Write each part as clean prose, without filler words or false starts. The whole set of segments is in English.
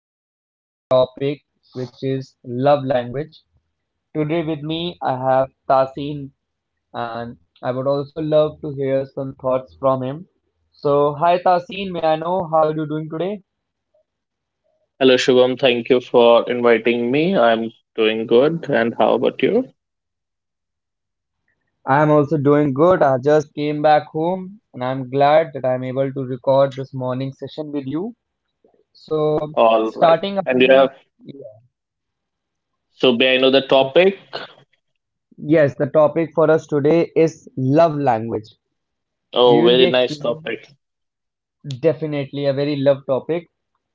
discussing our topic, which is love language. Today with me, I have Tasin, and I would also love to hear some thoughts from him. So, hi Tasin, may I know how are you doing today? Hello, Shubham. Thank you for inviting me. I'm doing good. And how about you? I'm also doing good. I just came back home and I'm glad that I'm able to record this morning session with you. So, All right. starting And you have, upon, yeah, so may I know the so topic? yes, the topic for us today is love language. Oh, We will very be nice explaining topic. definitely a very love topic.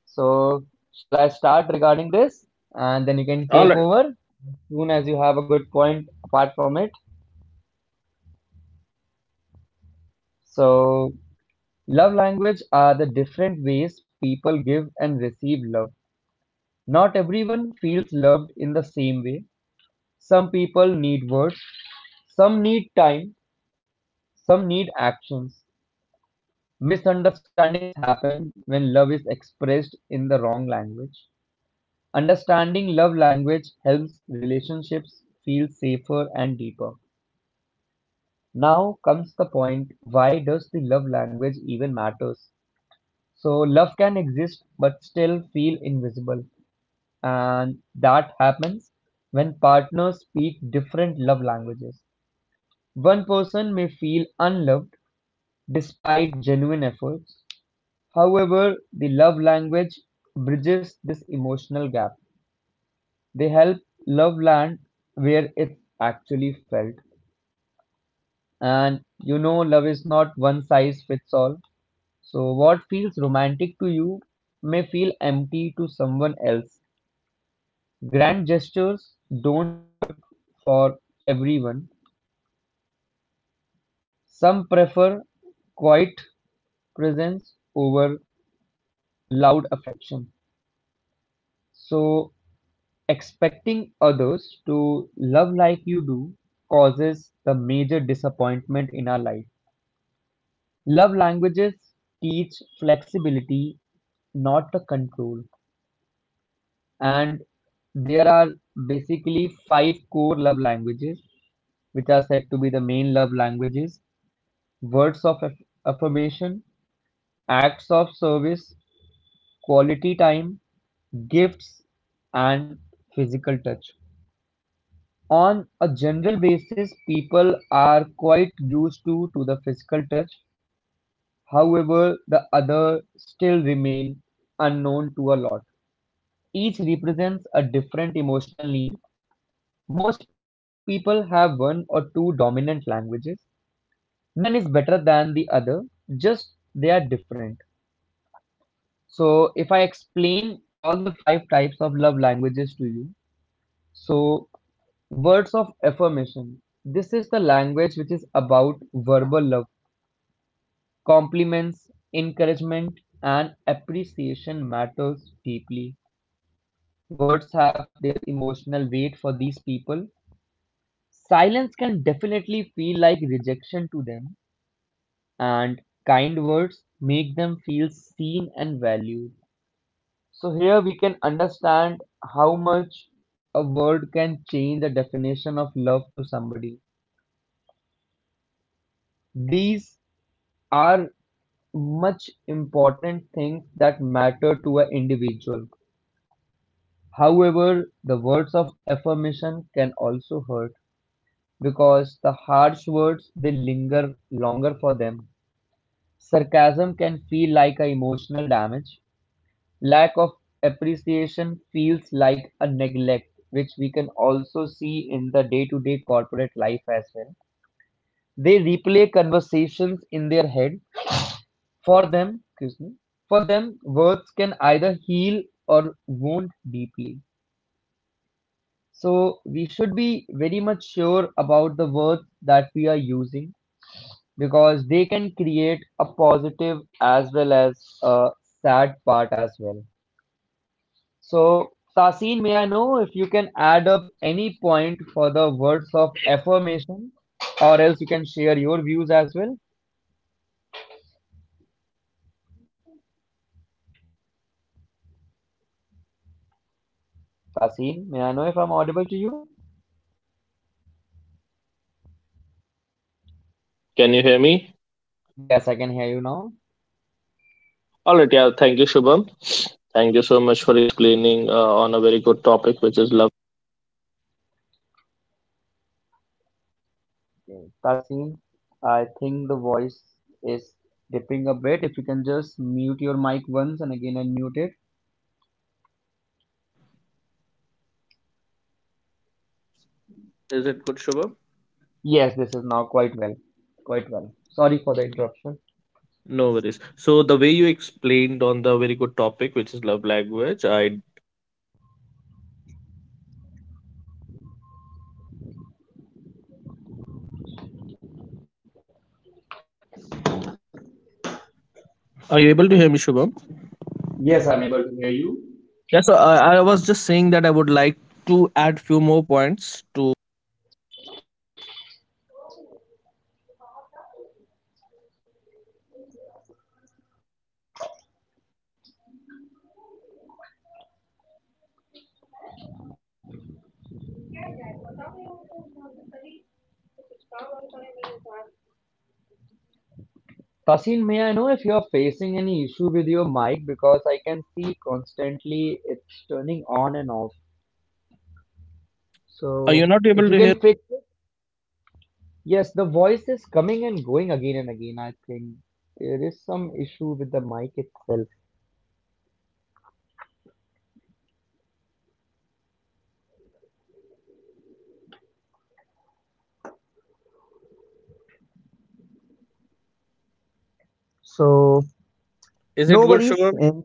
So, shall I start regarding this? And then you can All take right. over soon as you have a good point apart from it. So, love language are the different ways people give and receive love. Not everyone feels loved in the same way. Some people need words, some need time, some need actions. Misunderstandings happen when love is expressed in the wrong language. Understanding love language helps relationships feel safer and deeper. Now comes the point, why does the love language even matters? So love can exist but still feel invisible, and that happens when partners speak different love languages. One person may feel unloved despite genuine efforts. However, the love language bridges this emotional gap. They help love land where it's actually felt. And love is not one size fits all. So, what feels romantic to you may feel empty to someone else. Grand gestures don't work for everyone. Some prefer quiet presence over loud affection. So, expecting others to love like you do causes the major disappointment in our life. Love languages teach flexibility, not the control. And there are basically five core love languages, which are said to be the main love languages: words of affirmation, acts of service, quality time, gifts, and physical touch. On a general basis, people are quite used to the physical touch. However, the other still remain unknown to a lot. Each represents a different emotional need. Most people have one or two dominant languages. None is better than the other, just they are different. So, if I explain all the five types of love languages to you, so words of affirmation. This is the language which is about verbal love. Compliments, encouragement, and appreciation matters deeply. Words have their emotional weight for these people. Silence can definitely feel like rejection to them, and kind words make them feel seen and valued. So, here we can understand how much a word can change the definition of love to somebody. These are much important things that matter to an individual. However, the words of affirmation can also hurt because the harsh words they linger longer for them. Sarcasm can feel like a emotional damage. Lack of appreciation feels like a neglect, which we can also see in the day to day corporate life as well. They replay conversations in their head. For them, excuse me, for them, words can either heal or wound deeply. So we should be very much sure about the words that we are using because they can create a positive as well as a sad part as well. So, Tasin, may I know if you can add up any point for the words of affirmation, or else you can share your views as well? Tasin, may I know if I'm audible to you? Can you hear me? Yes, I can hear you now. All right. Yeah. Thank you, Shubham. Thank you so much for explaining on a very good topic, which is love. Okay. Tasin, I think the voice is dipping a bit. If you can just mute your mic once and again unmute it. Is it good, Shubham? Yes, this is now quite well. Quite well. Sorry for the interruption. No worries. So the way you explained on the very good topic, which is love language, I are you able to hear me, Shubham? Yes, I'm able to hear you. Yeah. So I was just saying that I would like to add few more points to. Tasin, may I know if you're facing any issue with your mic because I can see constantly it's turning on and off. Are you So not if able you to hear? can fix it, yes, the voice is coming and going again and again. I think there is some issue with the mic itself. So Is it no good, worries. Shubham? And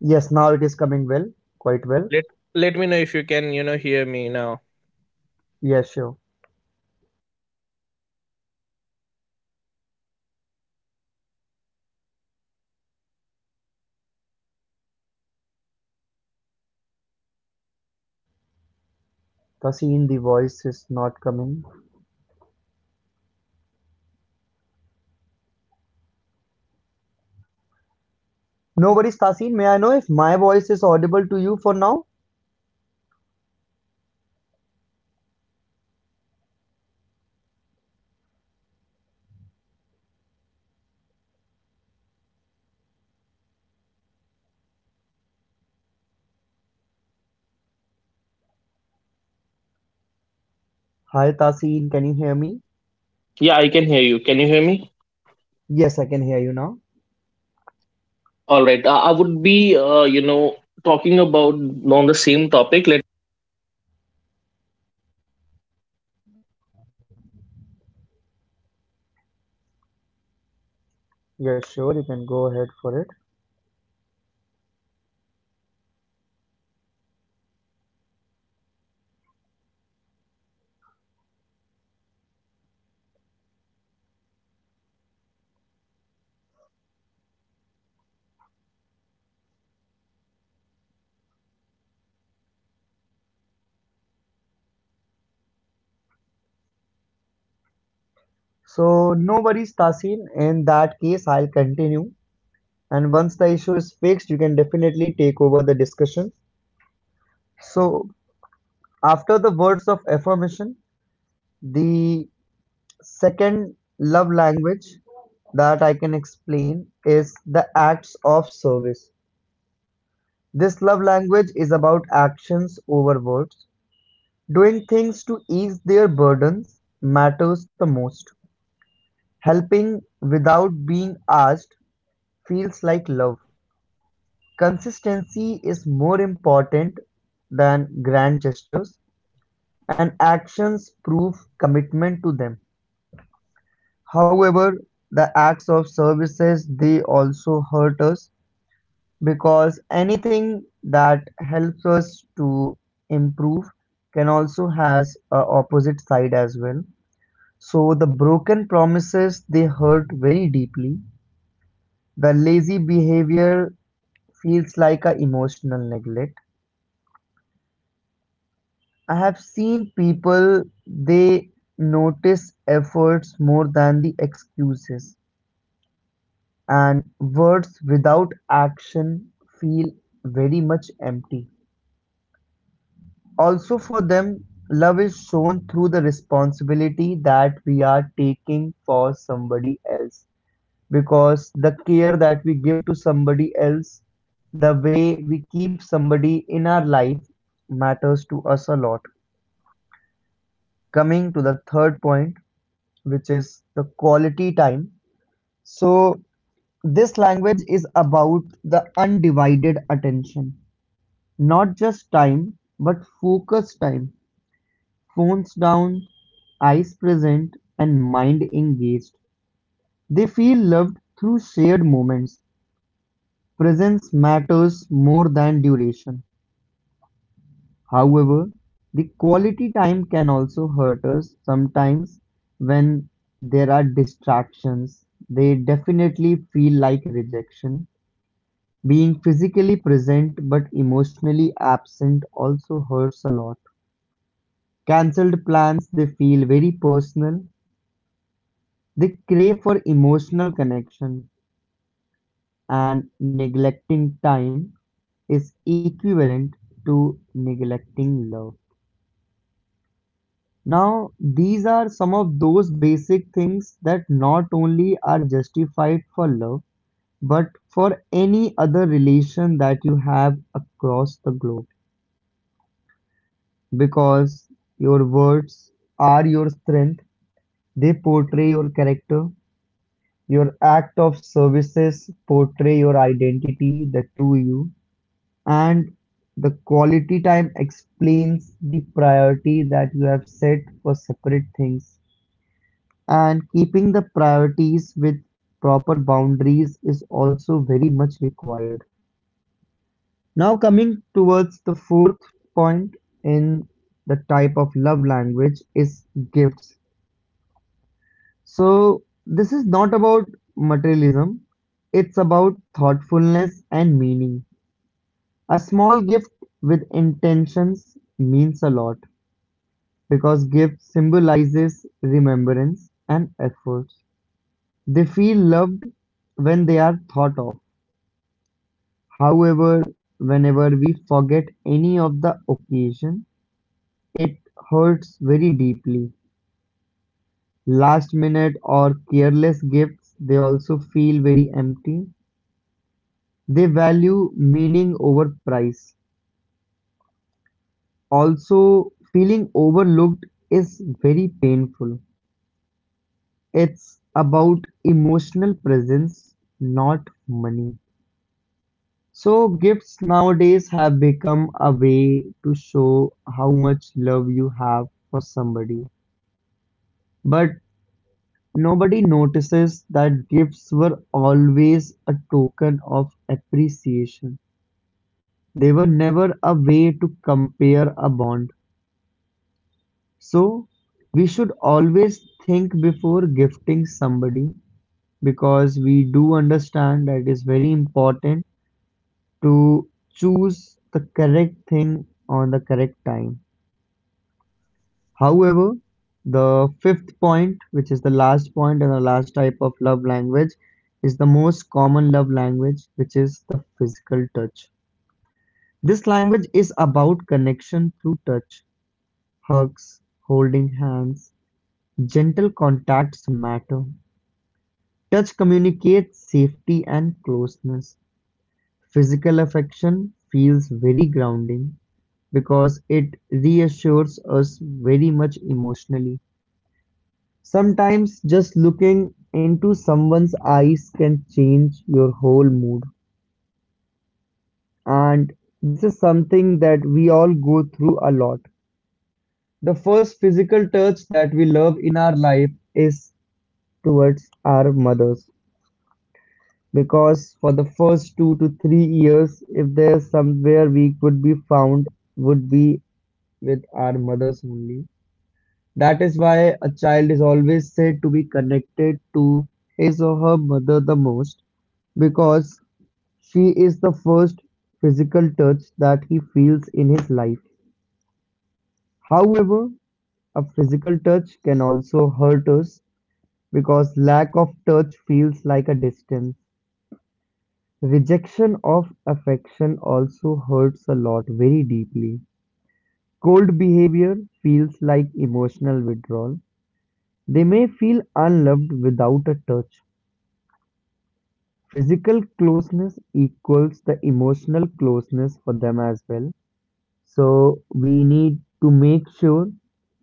yes, now it is coming well, quite well. Let let me know if you can, you know, hear me now. Yes, sure. Tasin, the voice is not coming. No worries, Tasin. May I know if my voice is audible to you for now? Hi, Tasin. Can you hear me? Yeah, I can hear you. Can you hear me? Yes, I can hear you now. All right. I would be, you know, talking about on the same topic. Yes, sure, you can go ahead for it. So, no worries, Tasin. In that case, I'll continue. And once the issue is fixed, you can definitely take over the discussion. So, after the words of affirmation, the second love language that I can explain is the acts of service. This love language is about actions over words. Doing things to ease their burdens matters the most. Helping without being asked feels like love. Consistency is more important than grand gestures, and actions prove commitment to them. However, the acts of services they also hurt us because anything that helps us to improve can also has a opposite side as well. So the broken promises they hurt very deeply. The lazy behavior feels like a emotional neglect. I have seen people, they notice efforts more than the excuses, and words without action feel very much empty. Also, for them, love is shown through the responsibility that we are taking for somebody else because the care that we give to somebody else, the way we keep somebody in our life matters to us a lot. Coming to the third point, which is the quality time. So, this language is about the undivided attention, not just time, but focus time. Phones down, eyes present, and mind engaged. They feel loved through shared moments. Presence matters more than duration. However, the quality time can also hurt us sometimes when there are distractions. They definitely feel like rejection. Being physically present but emotionally absent also hurts a lot. Cancelled plans, they feel very personal. They crave for emotional connection, and neglecting time is equivalent to neglecting love. Now these are some of those basic things that not only are justified for love, but for any other relation that you have across the globe. Because your words are your strength, they portray your character. Your act of services portray your identity, the true you, and the quality time explains the priority that you have set for separate things. And keeping the priorities with proper boundaries is also very much required. Now, coming towards the fourth point in the type of love language is gifts. So, this is not about materialism, it's about thoughtfulness and meaning. A small gift with intentions means a lot because gift symbolizes remembrance and efforts. They feel loved when they are thought of. However, whenever we forget any of the occasion, it hurts very deeply. Last-minute or careless gifts, they also feel very empty. They value meaning over price. Also, feeling overlooked is very painful. It's about emotional presence, not money. So, gifts nowadays have become a way to show how much love you have for somebody. But nobody notices that gifts were always a token of appreciation. They were never a way to compare a bond. So we should always think before gifting somebody because we do understand that it is very important to choose the correct thing on the correct time. However, the fifth point, which is the last point and the last type of love language, is the most common love language, which is the physical touch. This language is about connection through touch. Hugs, holding hands, gentle contacts matter. Touch communicates safety and closeness. Physical affection feels very grounding because it reassures us very much emotionally. Sometimes just looking into someone's eyes can change your whole mood. And this is something that we all go through a lot. The first physical touch that we love in our life is towards our mothers. Because for the first 2 to 3 years, if there's somewhere we could be found, would be with our mothers only. That is why a child is always said to be connected to his or her mother the most, because she is the first physical touch that he feels in his life. However, a physical touch can also hurt us because lack of touch feels like a distance. Rejection of affection also hurts a lot very deeply. Cold behavior feels like emotional withdrawal. They may feel unloved without a touch. Physical closeness equals the emotional closeness for them as well. So we need to make sure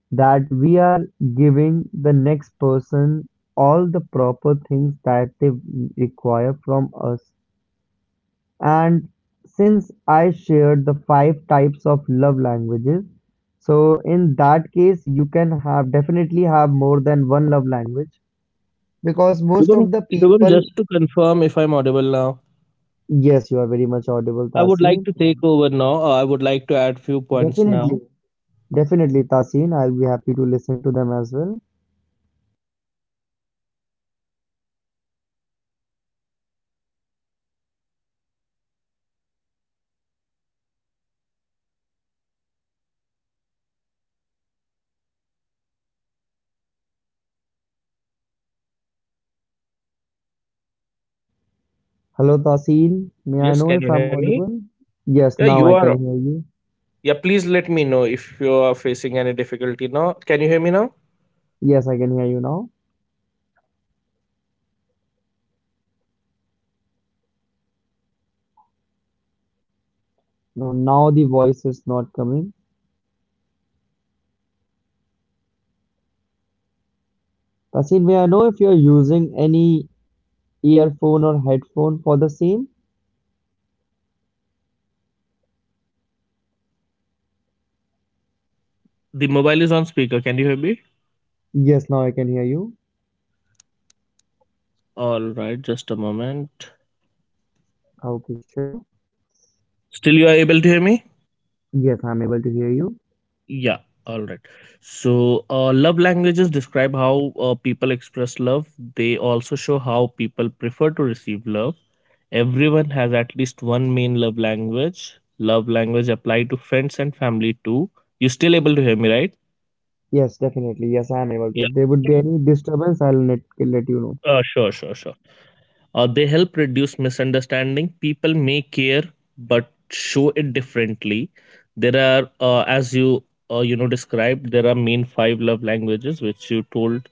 that we are giving the next person all the proper things that they require from us. And since I shared the five types of love languages, so in that case, you can have definitely have more than one love language because most Shubham, of the Shubham, people, just to confirm if I'm audible now, yes, you are very much audible, I would like Tasi. to take over now. I would like to add few points Definitely, now. definitely, Tasin. I'll be happy to listen to them as well. Hello, Tasin. May I Yes, know can if you hear I'm me? audible? Yeah, Yes, you now I are. can hear you. Yeah, please let me know if you are facing any difficulty now. Can you hear me now? Yes, I can hear you now. No, now the voice is not coming. Tasin, may I know if you're using any earphone or headphone for the same? The mobile is on speaker. Can you hear me? Yes, now I can hear you. All right, just a moment. Okay, sure. Still, you are able to hear me? Yes, I'm able to hear you. Yeah, all right. So, love languages describe how people express love. They also show how people prefer to receive love. Everyone has at least one main love language. Love language apply to friends and family too. You still able to hear me, right? Yes, definitely. Yes, I am able to. Yeah. If there would be any disturbance, I'll let you know. Sure, sure, sure. They help reduce misunderstanding. People may care but show it differently. There are, as you you know described, there are main five love languages which you told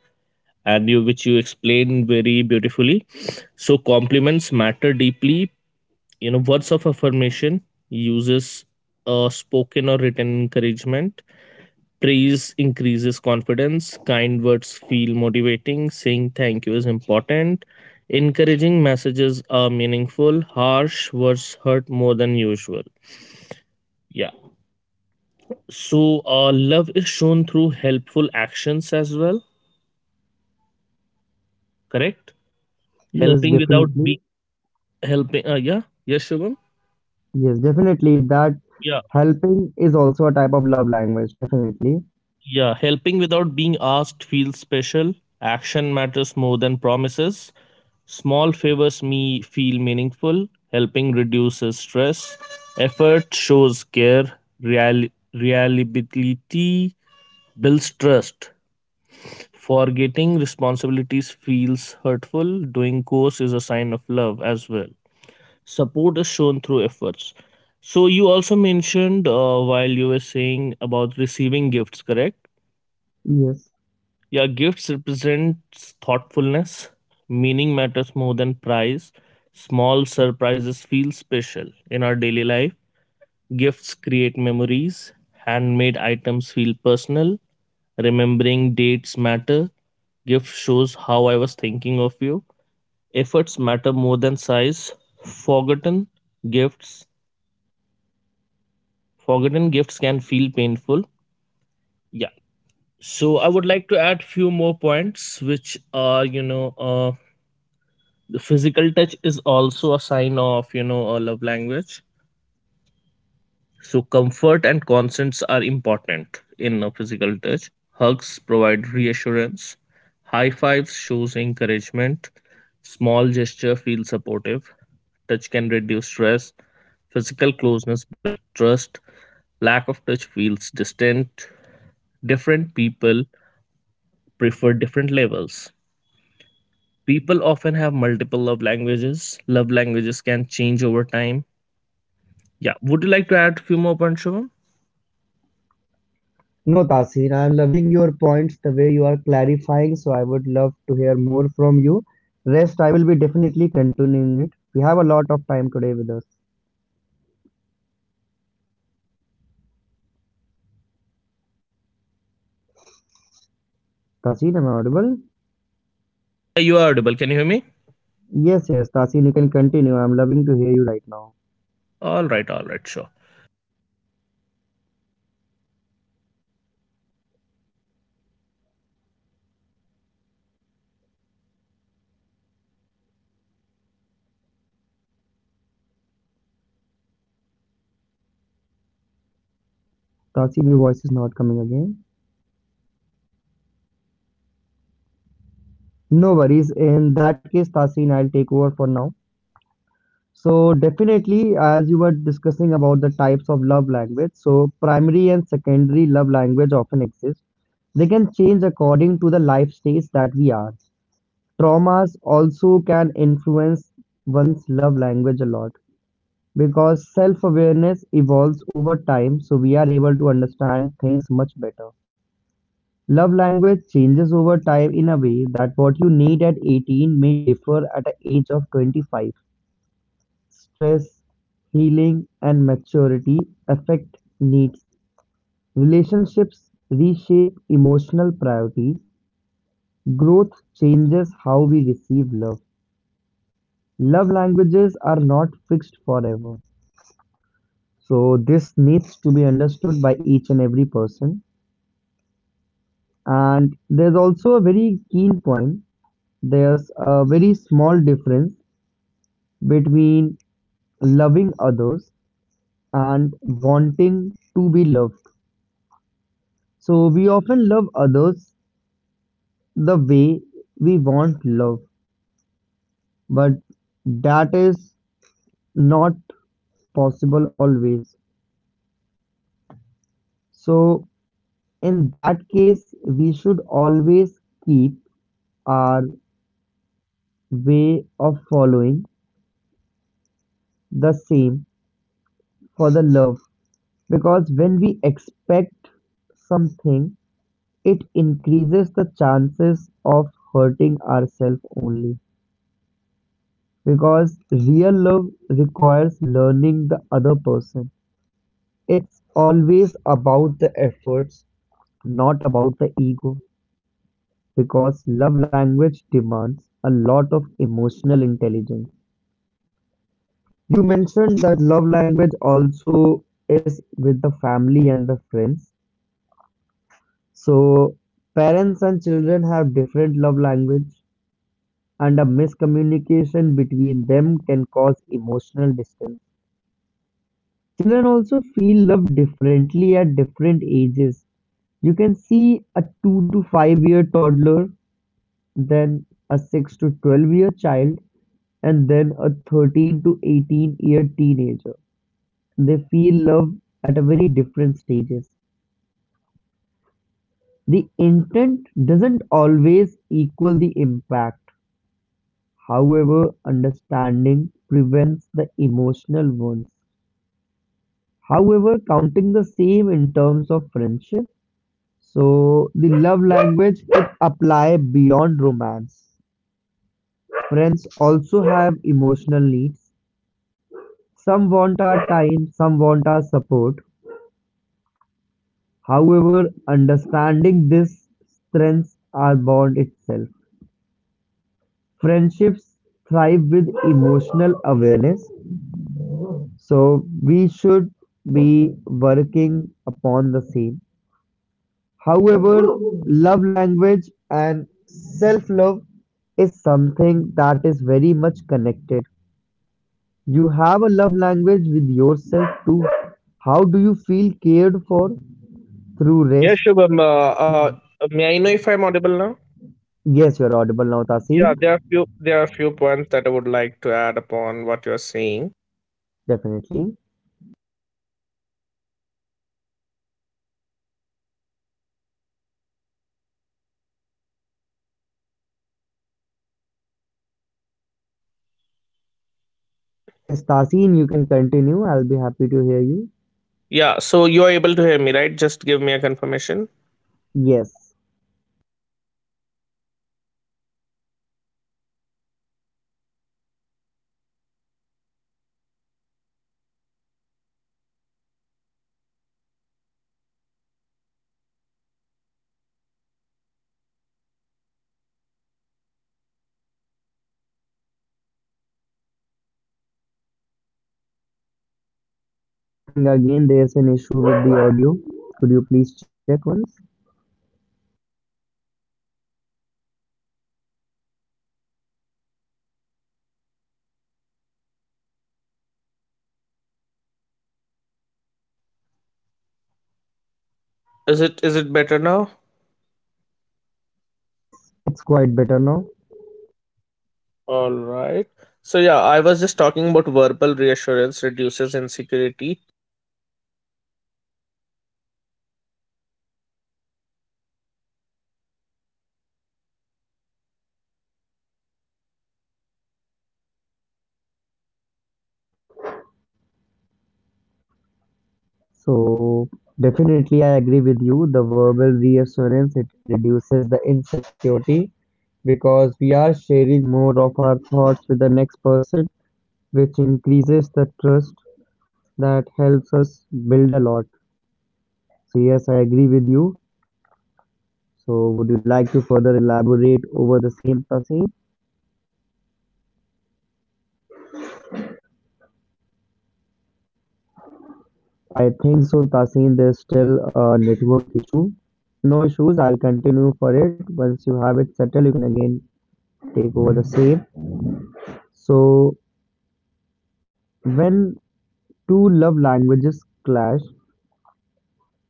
and you which you explained very beautifully. So compliments matter deeply, you know, words of affirmation uses spoken or written encouragement. Praise increases confidence. Kind words feel motivating. Saying thank you is important. Encouraging messages are meaningful. Harsh words hurt more than usual. Yeah. So love is shown through helpful actions as well, correct? Yes, Helping without be definitely. Helping yeah, yes, Shubham. Yes, definitely. That Yeah. Helping is also a type of love language, definitely. Yeah, helping without being asked feels special. Action matters more than promises. Small favors me feel meaningful. Helping reduces stress. Effort shows care. Reliability builds trust. Forgetting responsibilities feels hurtful. Doing chores is a sign of love as well. Support is shown through efforts. So you also mentioned while you were saying about receiving gifts, correct? Yes. Yeah, gifts represents thoughtfulness. Meaning matters more than price. Small surprises feel special in our daily life. Gifts create memories. Handmade items feel personal. Remembering dates matter. Gift shows how I was thinking of you. Efforts matter more than size. Forgotten gifts. Forgotten gifts can feel painful. Yeah. So I would like to add few more points which are, you know, the physical touch is also a sign of, you know, a love language. So comfort and consents are important in a physical touch. Hugs provide reassurance. High fives shows encouragement. Small gesture feels supportive. Touch can reduce stress. Physical closeness builds trust. Lack of touch feels distant. Different people prefer different levels. People often have multiple love languages. Love languages can change over time. Yeah. Would you like to add a few more points, Shubham? No, Tasir, I'm loving your points the way you are clarifying, so I would love to hear more from you. Rest, I will be definitely continuing it. We have a lot of time today with us. Tasir, am I audible? Yeah, you are audible. Can you hear me? Yes, yes, Tasir, you can continue. I'm loving to hear you right now. All right. All right. Sure. Tasir, your voice is not coming again. No worries. In that case, Tasir, I'll take over for now. So definitely, as you were discussing about the types of love language, so primary and secondary love language often exist. They can change according to the life stage that we are. Traumas also can influence one's love language a lot because self-awareness evolves over time, so we are able to understand things much better. Love language changes over time in a way that what you need at 18 may differ at an age of 25. Stress, healing, and maturity affect needs. Relationships reshape emotional priorities. Growth changes how we receive love. Love languages are not fixed forever. So, this needs to be understood by each and every person. And there's also a very keen point. There's a very small difference between loving others and wanting to be loved. So we often love others the way we want love, but that is not possible always. So, in that case, we should always keep our way of following the same for the love, because when we expect something, it increases the chances of hurting ourselves only, because real love requires learning the other person. It's always about the efforts, not about the ego, because love language demands a lot of emotional intelligence. You mentioned that love language also is with the family and the friends. So, parents and children have different love language, and a miscommunication between them can cause emotional distance. Children also feel love differently at different ages. You can see a 2 to 5 year toddler, then a six to 12 year child, and then a 13 to 18 year teenager. They feel love at a very different stages. The intent doesn't always equal the impact. However, understanding prevents the emotional wounds. However, counting the same in terms of friendship. So the love language could apply beyond romance. Friends also have emotional needs. Some want our time, some want our support. However, understanding this strengths our bond itself. Friendships thrive with emotional awareness, so we should be working upon the same. However, love language and self love is something that is very much connected. You have a love language with yourself too. How do you feel cared for? Through Yeah, rest, Shubham. May I know if I'm audible now? yes, you're audible now, Tasin. Yeah, there are few points that I would like to add upon what you're saying. Definitely. Yes, Tasin, you can continue. I'll be happy to hear you. Yeah, so you are able to hear me, right? Just give me a confirmation. Yes. Tasin, I think again there's an issue with the audio. Could you please check one? Is it better now? Yes, it's quite better now. All right. So yeah, I was just talking about verbal reassurance reduces insecurity. So, definitely, I agree with you. The verbal reassurance it reduces the insecurity because we are sharing more of our thoughts with the next person, which increases the trust that helps us build a lot. So, yes, I agree with you. So would you like to further elaborate over the same, Tasin? I think so, Tasin. There's still a network issue. No issues. I'll continue for it. Once you have it settled, you can again take over the same. So when two love languages clash,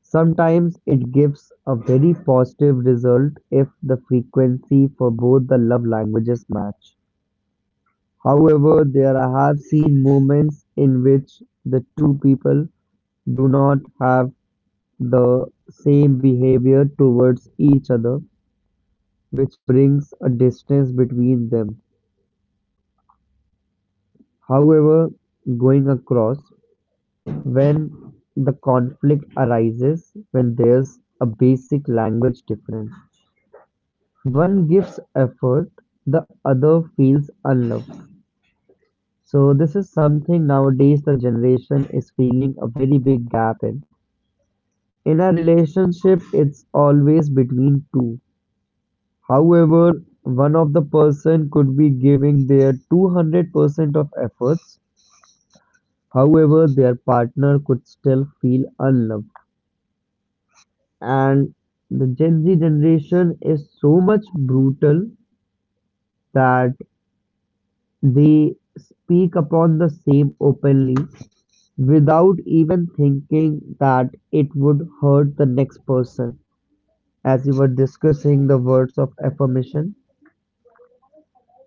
sometimes it gives a very positive result if the frequency for both the love languages match. However, there I have seen moments in which the two people do not have the same behavior towards each other, which brings a distance between them. However, going across, when the conflict arises, when there's a basic language difference. One gives effort, the other feels unloved. So, this is something nowadays the generation is feeling a very big gap in. In a relationship, it's always between. However, one of the person could be giving their 200% of efforts. However, their partner could still feel unloved. And the Gen Z generation is so much brutal that they speak upon the same openly without even thinking that it would hurt the next person. As we were discussing the words of affirmation,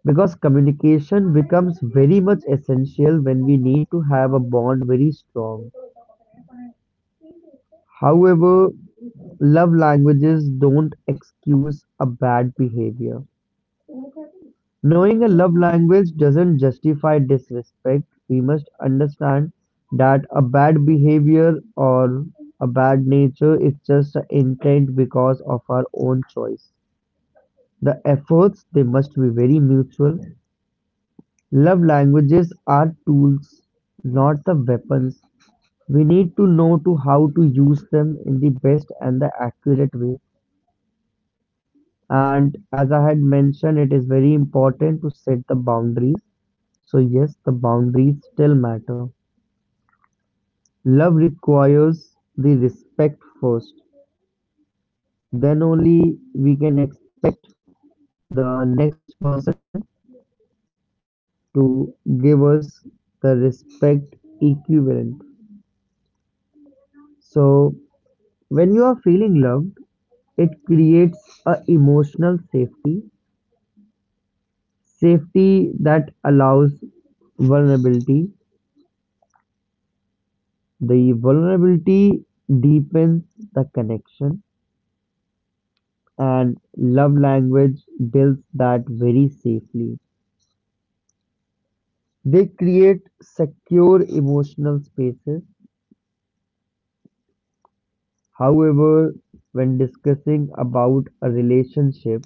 because communication becomes very much essential when we need to have a bond very strong. However, love languages don't excuse a bad behavior. Knowing a love language doesn't justify disrespect. We must understand that a bad behavior or a bad nature is just an intent because of our own choice. The efforts they must be very mutual. Love languages are tools, not the weapons. We need to know to how to use them in the best and the accurate way. And as I had mentioned, it is very important to set the boundaries. So yes, the boundaries still matter. Love requires the respect first. Then only we can expect the next person to give us the respect equivalent. So when you are feeling love, it creates a emotional safety, safety that allows vulnerability. The vulnerability deepens the connection, and love language builds that very safely. They create secure emotional spaces. However, when discussing about a relationship,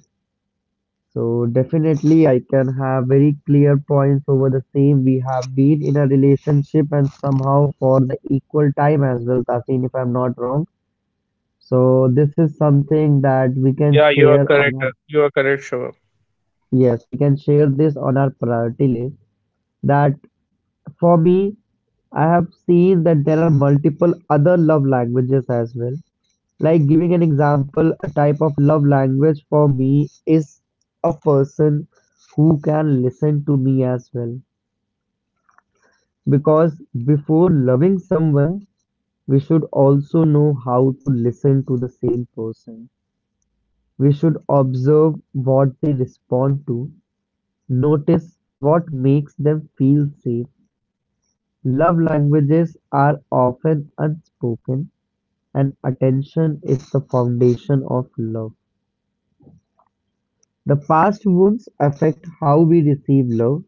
so definitely I can have very clear points over the same. We have been in a relationship and somehow for the equal time as well, Tasin, if I'm not wrong. So this is something that we can Yeah, you are share on correct. our, You are correct, Shubham. yes, we can share this on our priority list, that for me, I have seen that there are multiple other love languages as well. Like giving an example, a type of love language for me is a person who can listen to me as well. Because before loving someone, we should also know how to listen to the same person. We should observe what they respond to, notice what makes them feel safe. Love languages are often unspoken, and attention is the foundation of love. The past wounds affect how we receive love;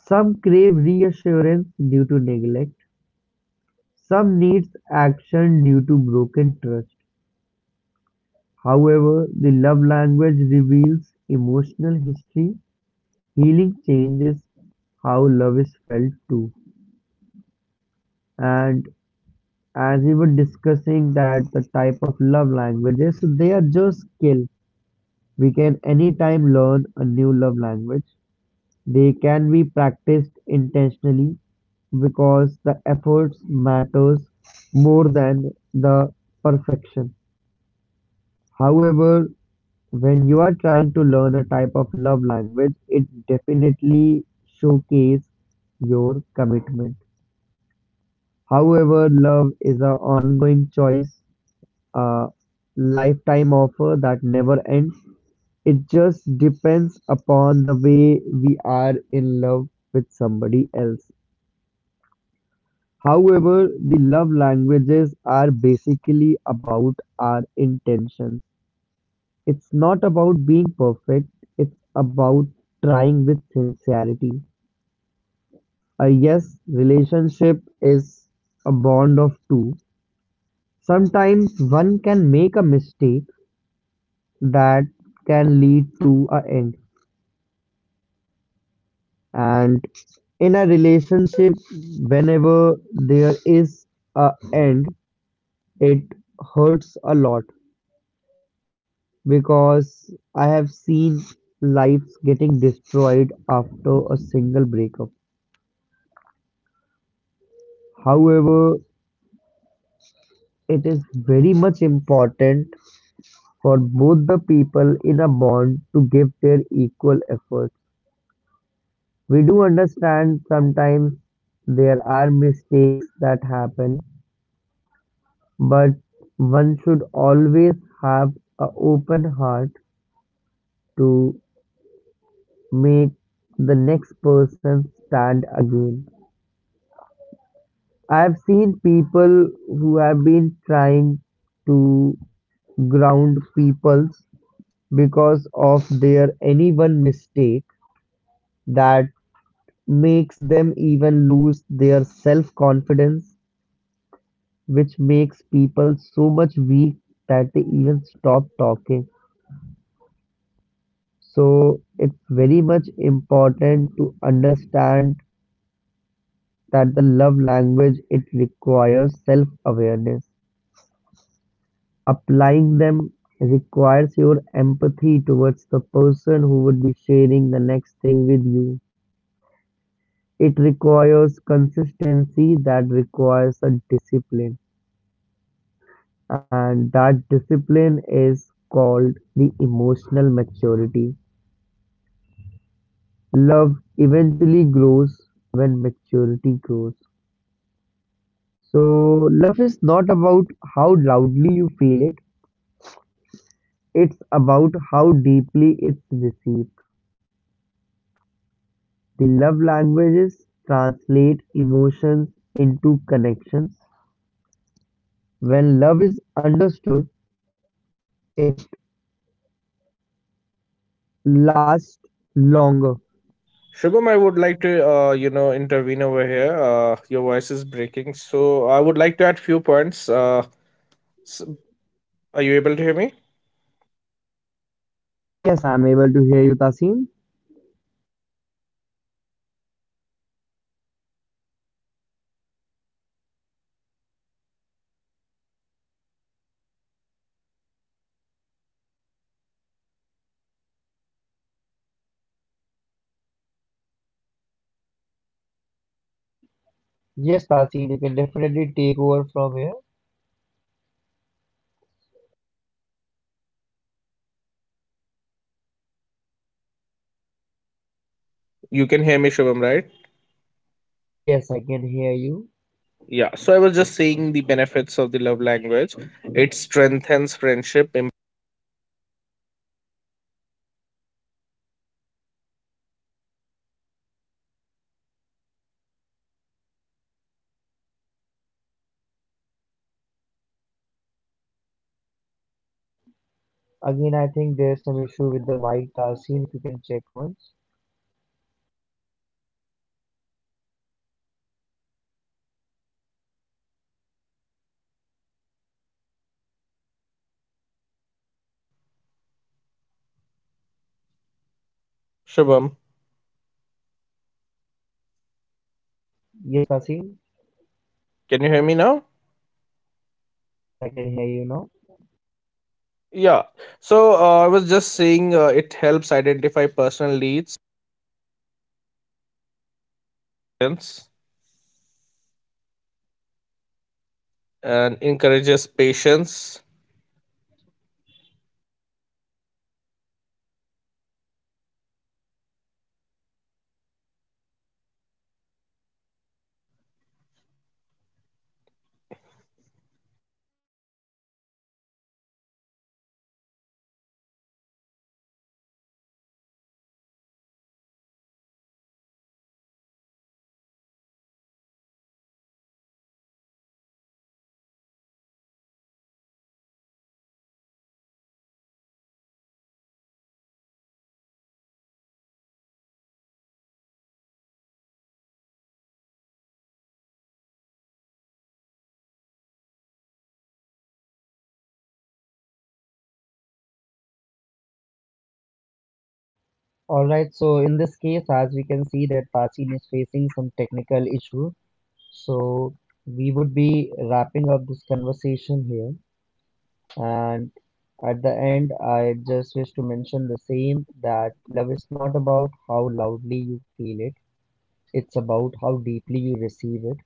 some crave reassurance due to neglect, some needs action due to broken trust. However, the love language reveals emotional history. Healing changes how love is felt too. And as we were discussing that the type of love languages, so they are just skill. We can anytime learn a new love language. They can be practiced intentionally because the efforts matters more than the perfection. However, when you are trying to learn a type of love language, it definitely showcases your commitment. However, love is an ongoing choice, a lifetime offer that never ends. It just depends upon the way we are in love with somebody else. However, the love languages are basically about our intentions. It's not about being perfect, it's about trying with sincerity. A yes relationship is a bond of two. Sometimes one can make a mistake that can lead to an end. And in a relationship, whenever there is an end, it hurts a lot, because I have seen lives getting destroyed after a single breakup. However, it is very much important for both the people in a bond to give their equal effort. We do understand sometimes there are mistakes that happen, but one should always have an open heart to make the next person stand again. I've seen people who have been trying to ground peoples because of their any one mistake that makes them even lose their self confidence, which makes people so much weak that they even stop talking. So it's very much important to understand that the love language it requires self awareness. Applying them requires your empathy towards the person who would be sharing the next thing with you. It requires consistency, that requires a discipline, and that discipline is called the emotional maturity. Love eventually grows when maturity grows. So, love is not about how loudly you feel it, it's about how deeply it's received. The love languages translate emotions into connections. When love is understood, it lasts longer. Shubham, I would like to you know intervene over here. Your voice is breaking, so I would like to add few points. S- are you able to hear me? Yes, I'm able to hear you, Tasin. Yes, Tasin, you can definitely take over from here. You can hear me, Shubham, right? Yes, I can hear you. Yeah. So I was just saying the benefits of the love language. It strengthens friendship. Again, I think there's some issue with the mic, Tasin, if you can check once. Shubham, Yes, Tasin. can you hear me now? Yes, I can hear you now. Yeah. So I was just saying it helps identify personal needs, patience and encourages patience. Alright, so in this case, as we can see that Tasin is facing some technical issue. So we would be wrapping up this conversation here. And at the end, I just wish to mention the same that love is not about how loudly you feel it, it's about how deeply you receive it.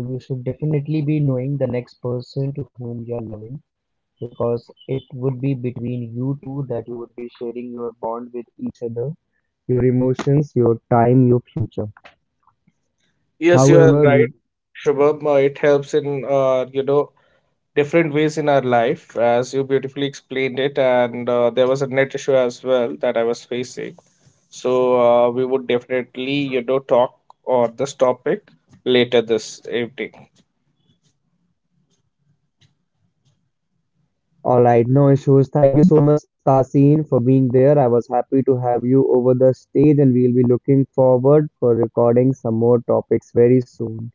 So you should definitely be knowing the next person to whom you are loving, because it would be between you two that you would be sharing your bond with each other, your emotions, your time, your future. Yes, you are However, right, we Shubham. It helps in you know different ways in our life, as you beautifully explained it. And there was a net issue as well that I was facing. So we would definitely, you know, talk on this topic later this evening. alright, no issues. Thank you so much, Tasin, for being there. I was happy to have you over the stage, and we'll be looking forward for recording some more topics very soon.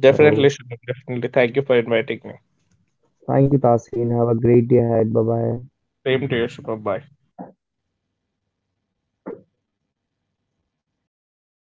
Definitely, So, Shubham. Definitely. Thank you for inviting me. thank you, Tasin. Have a great day ahead. Bye bye. Same to you, Shubham. Bye.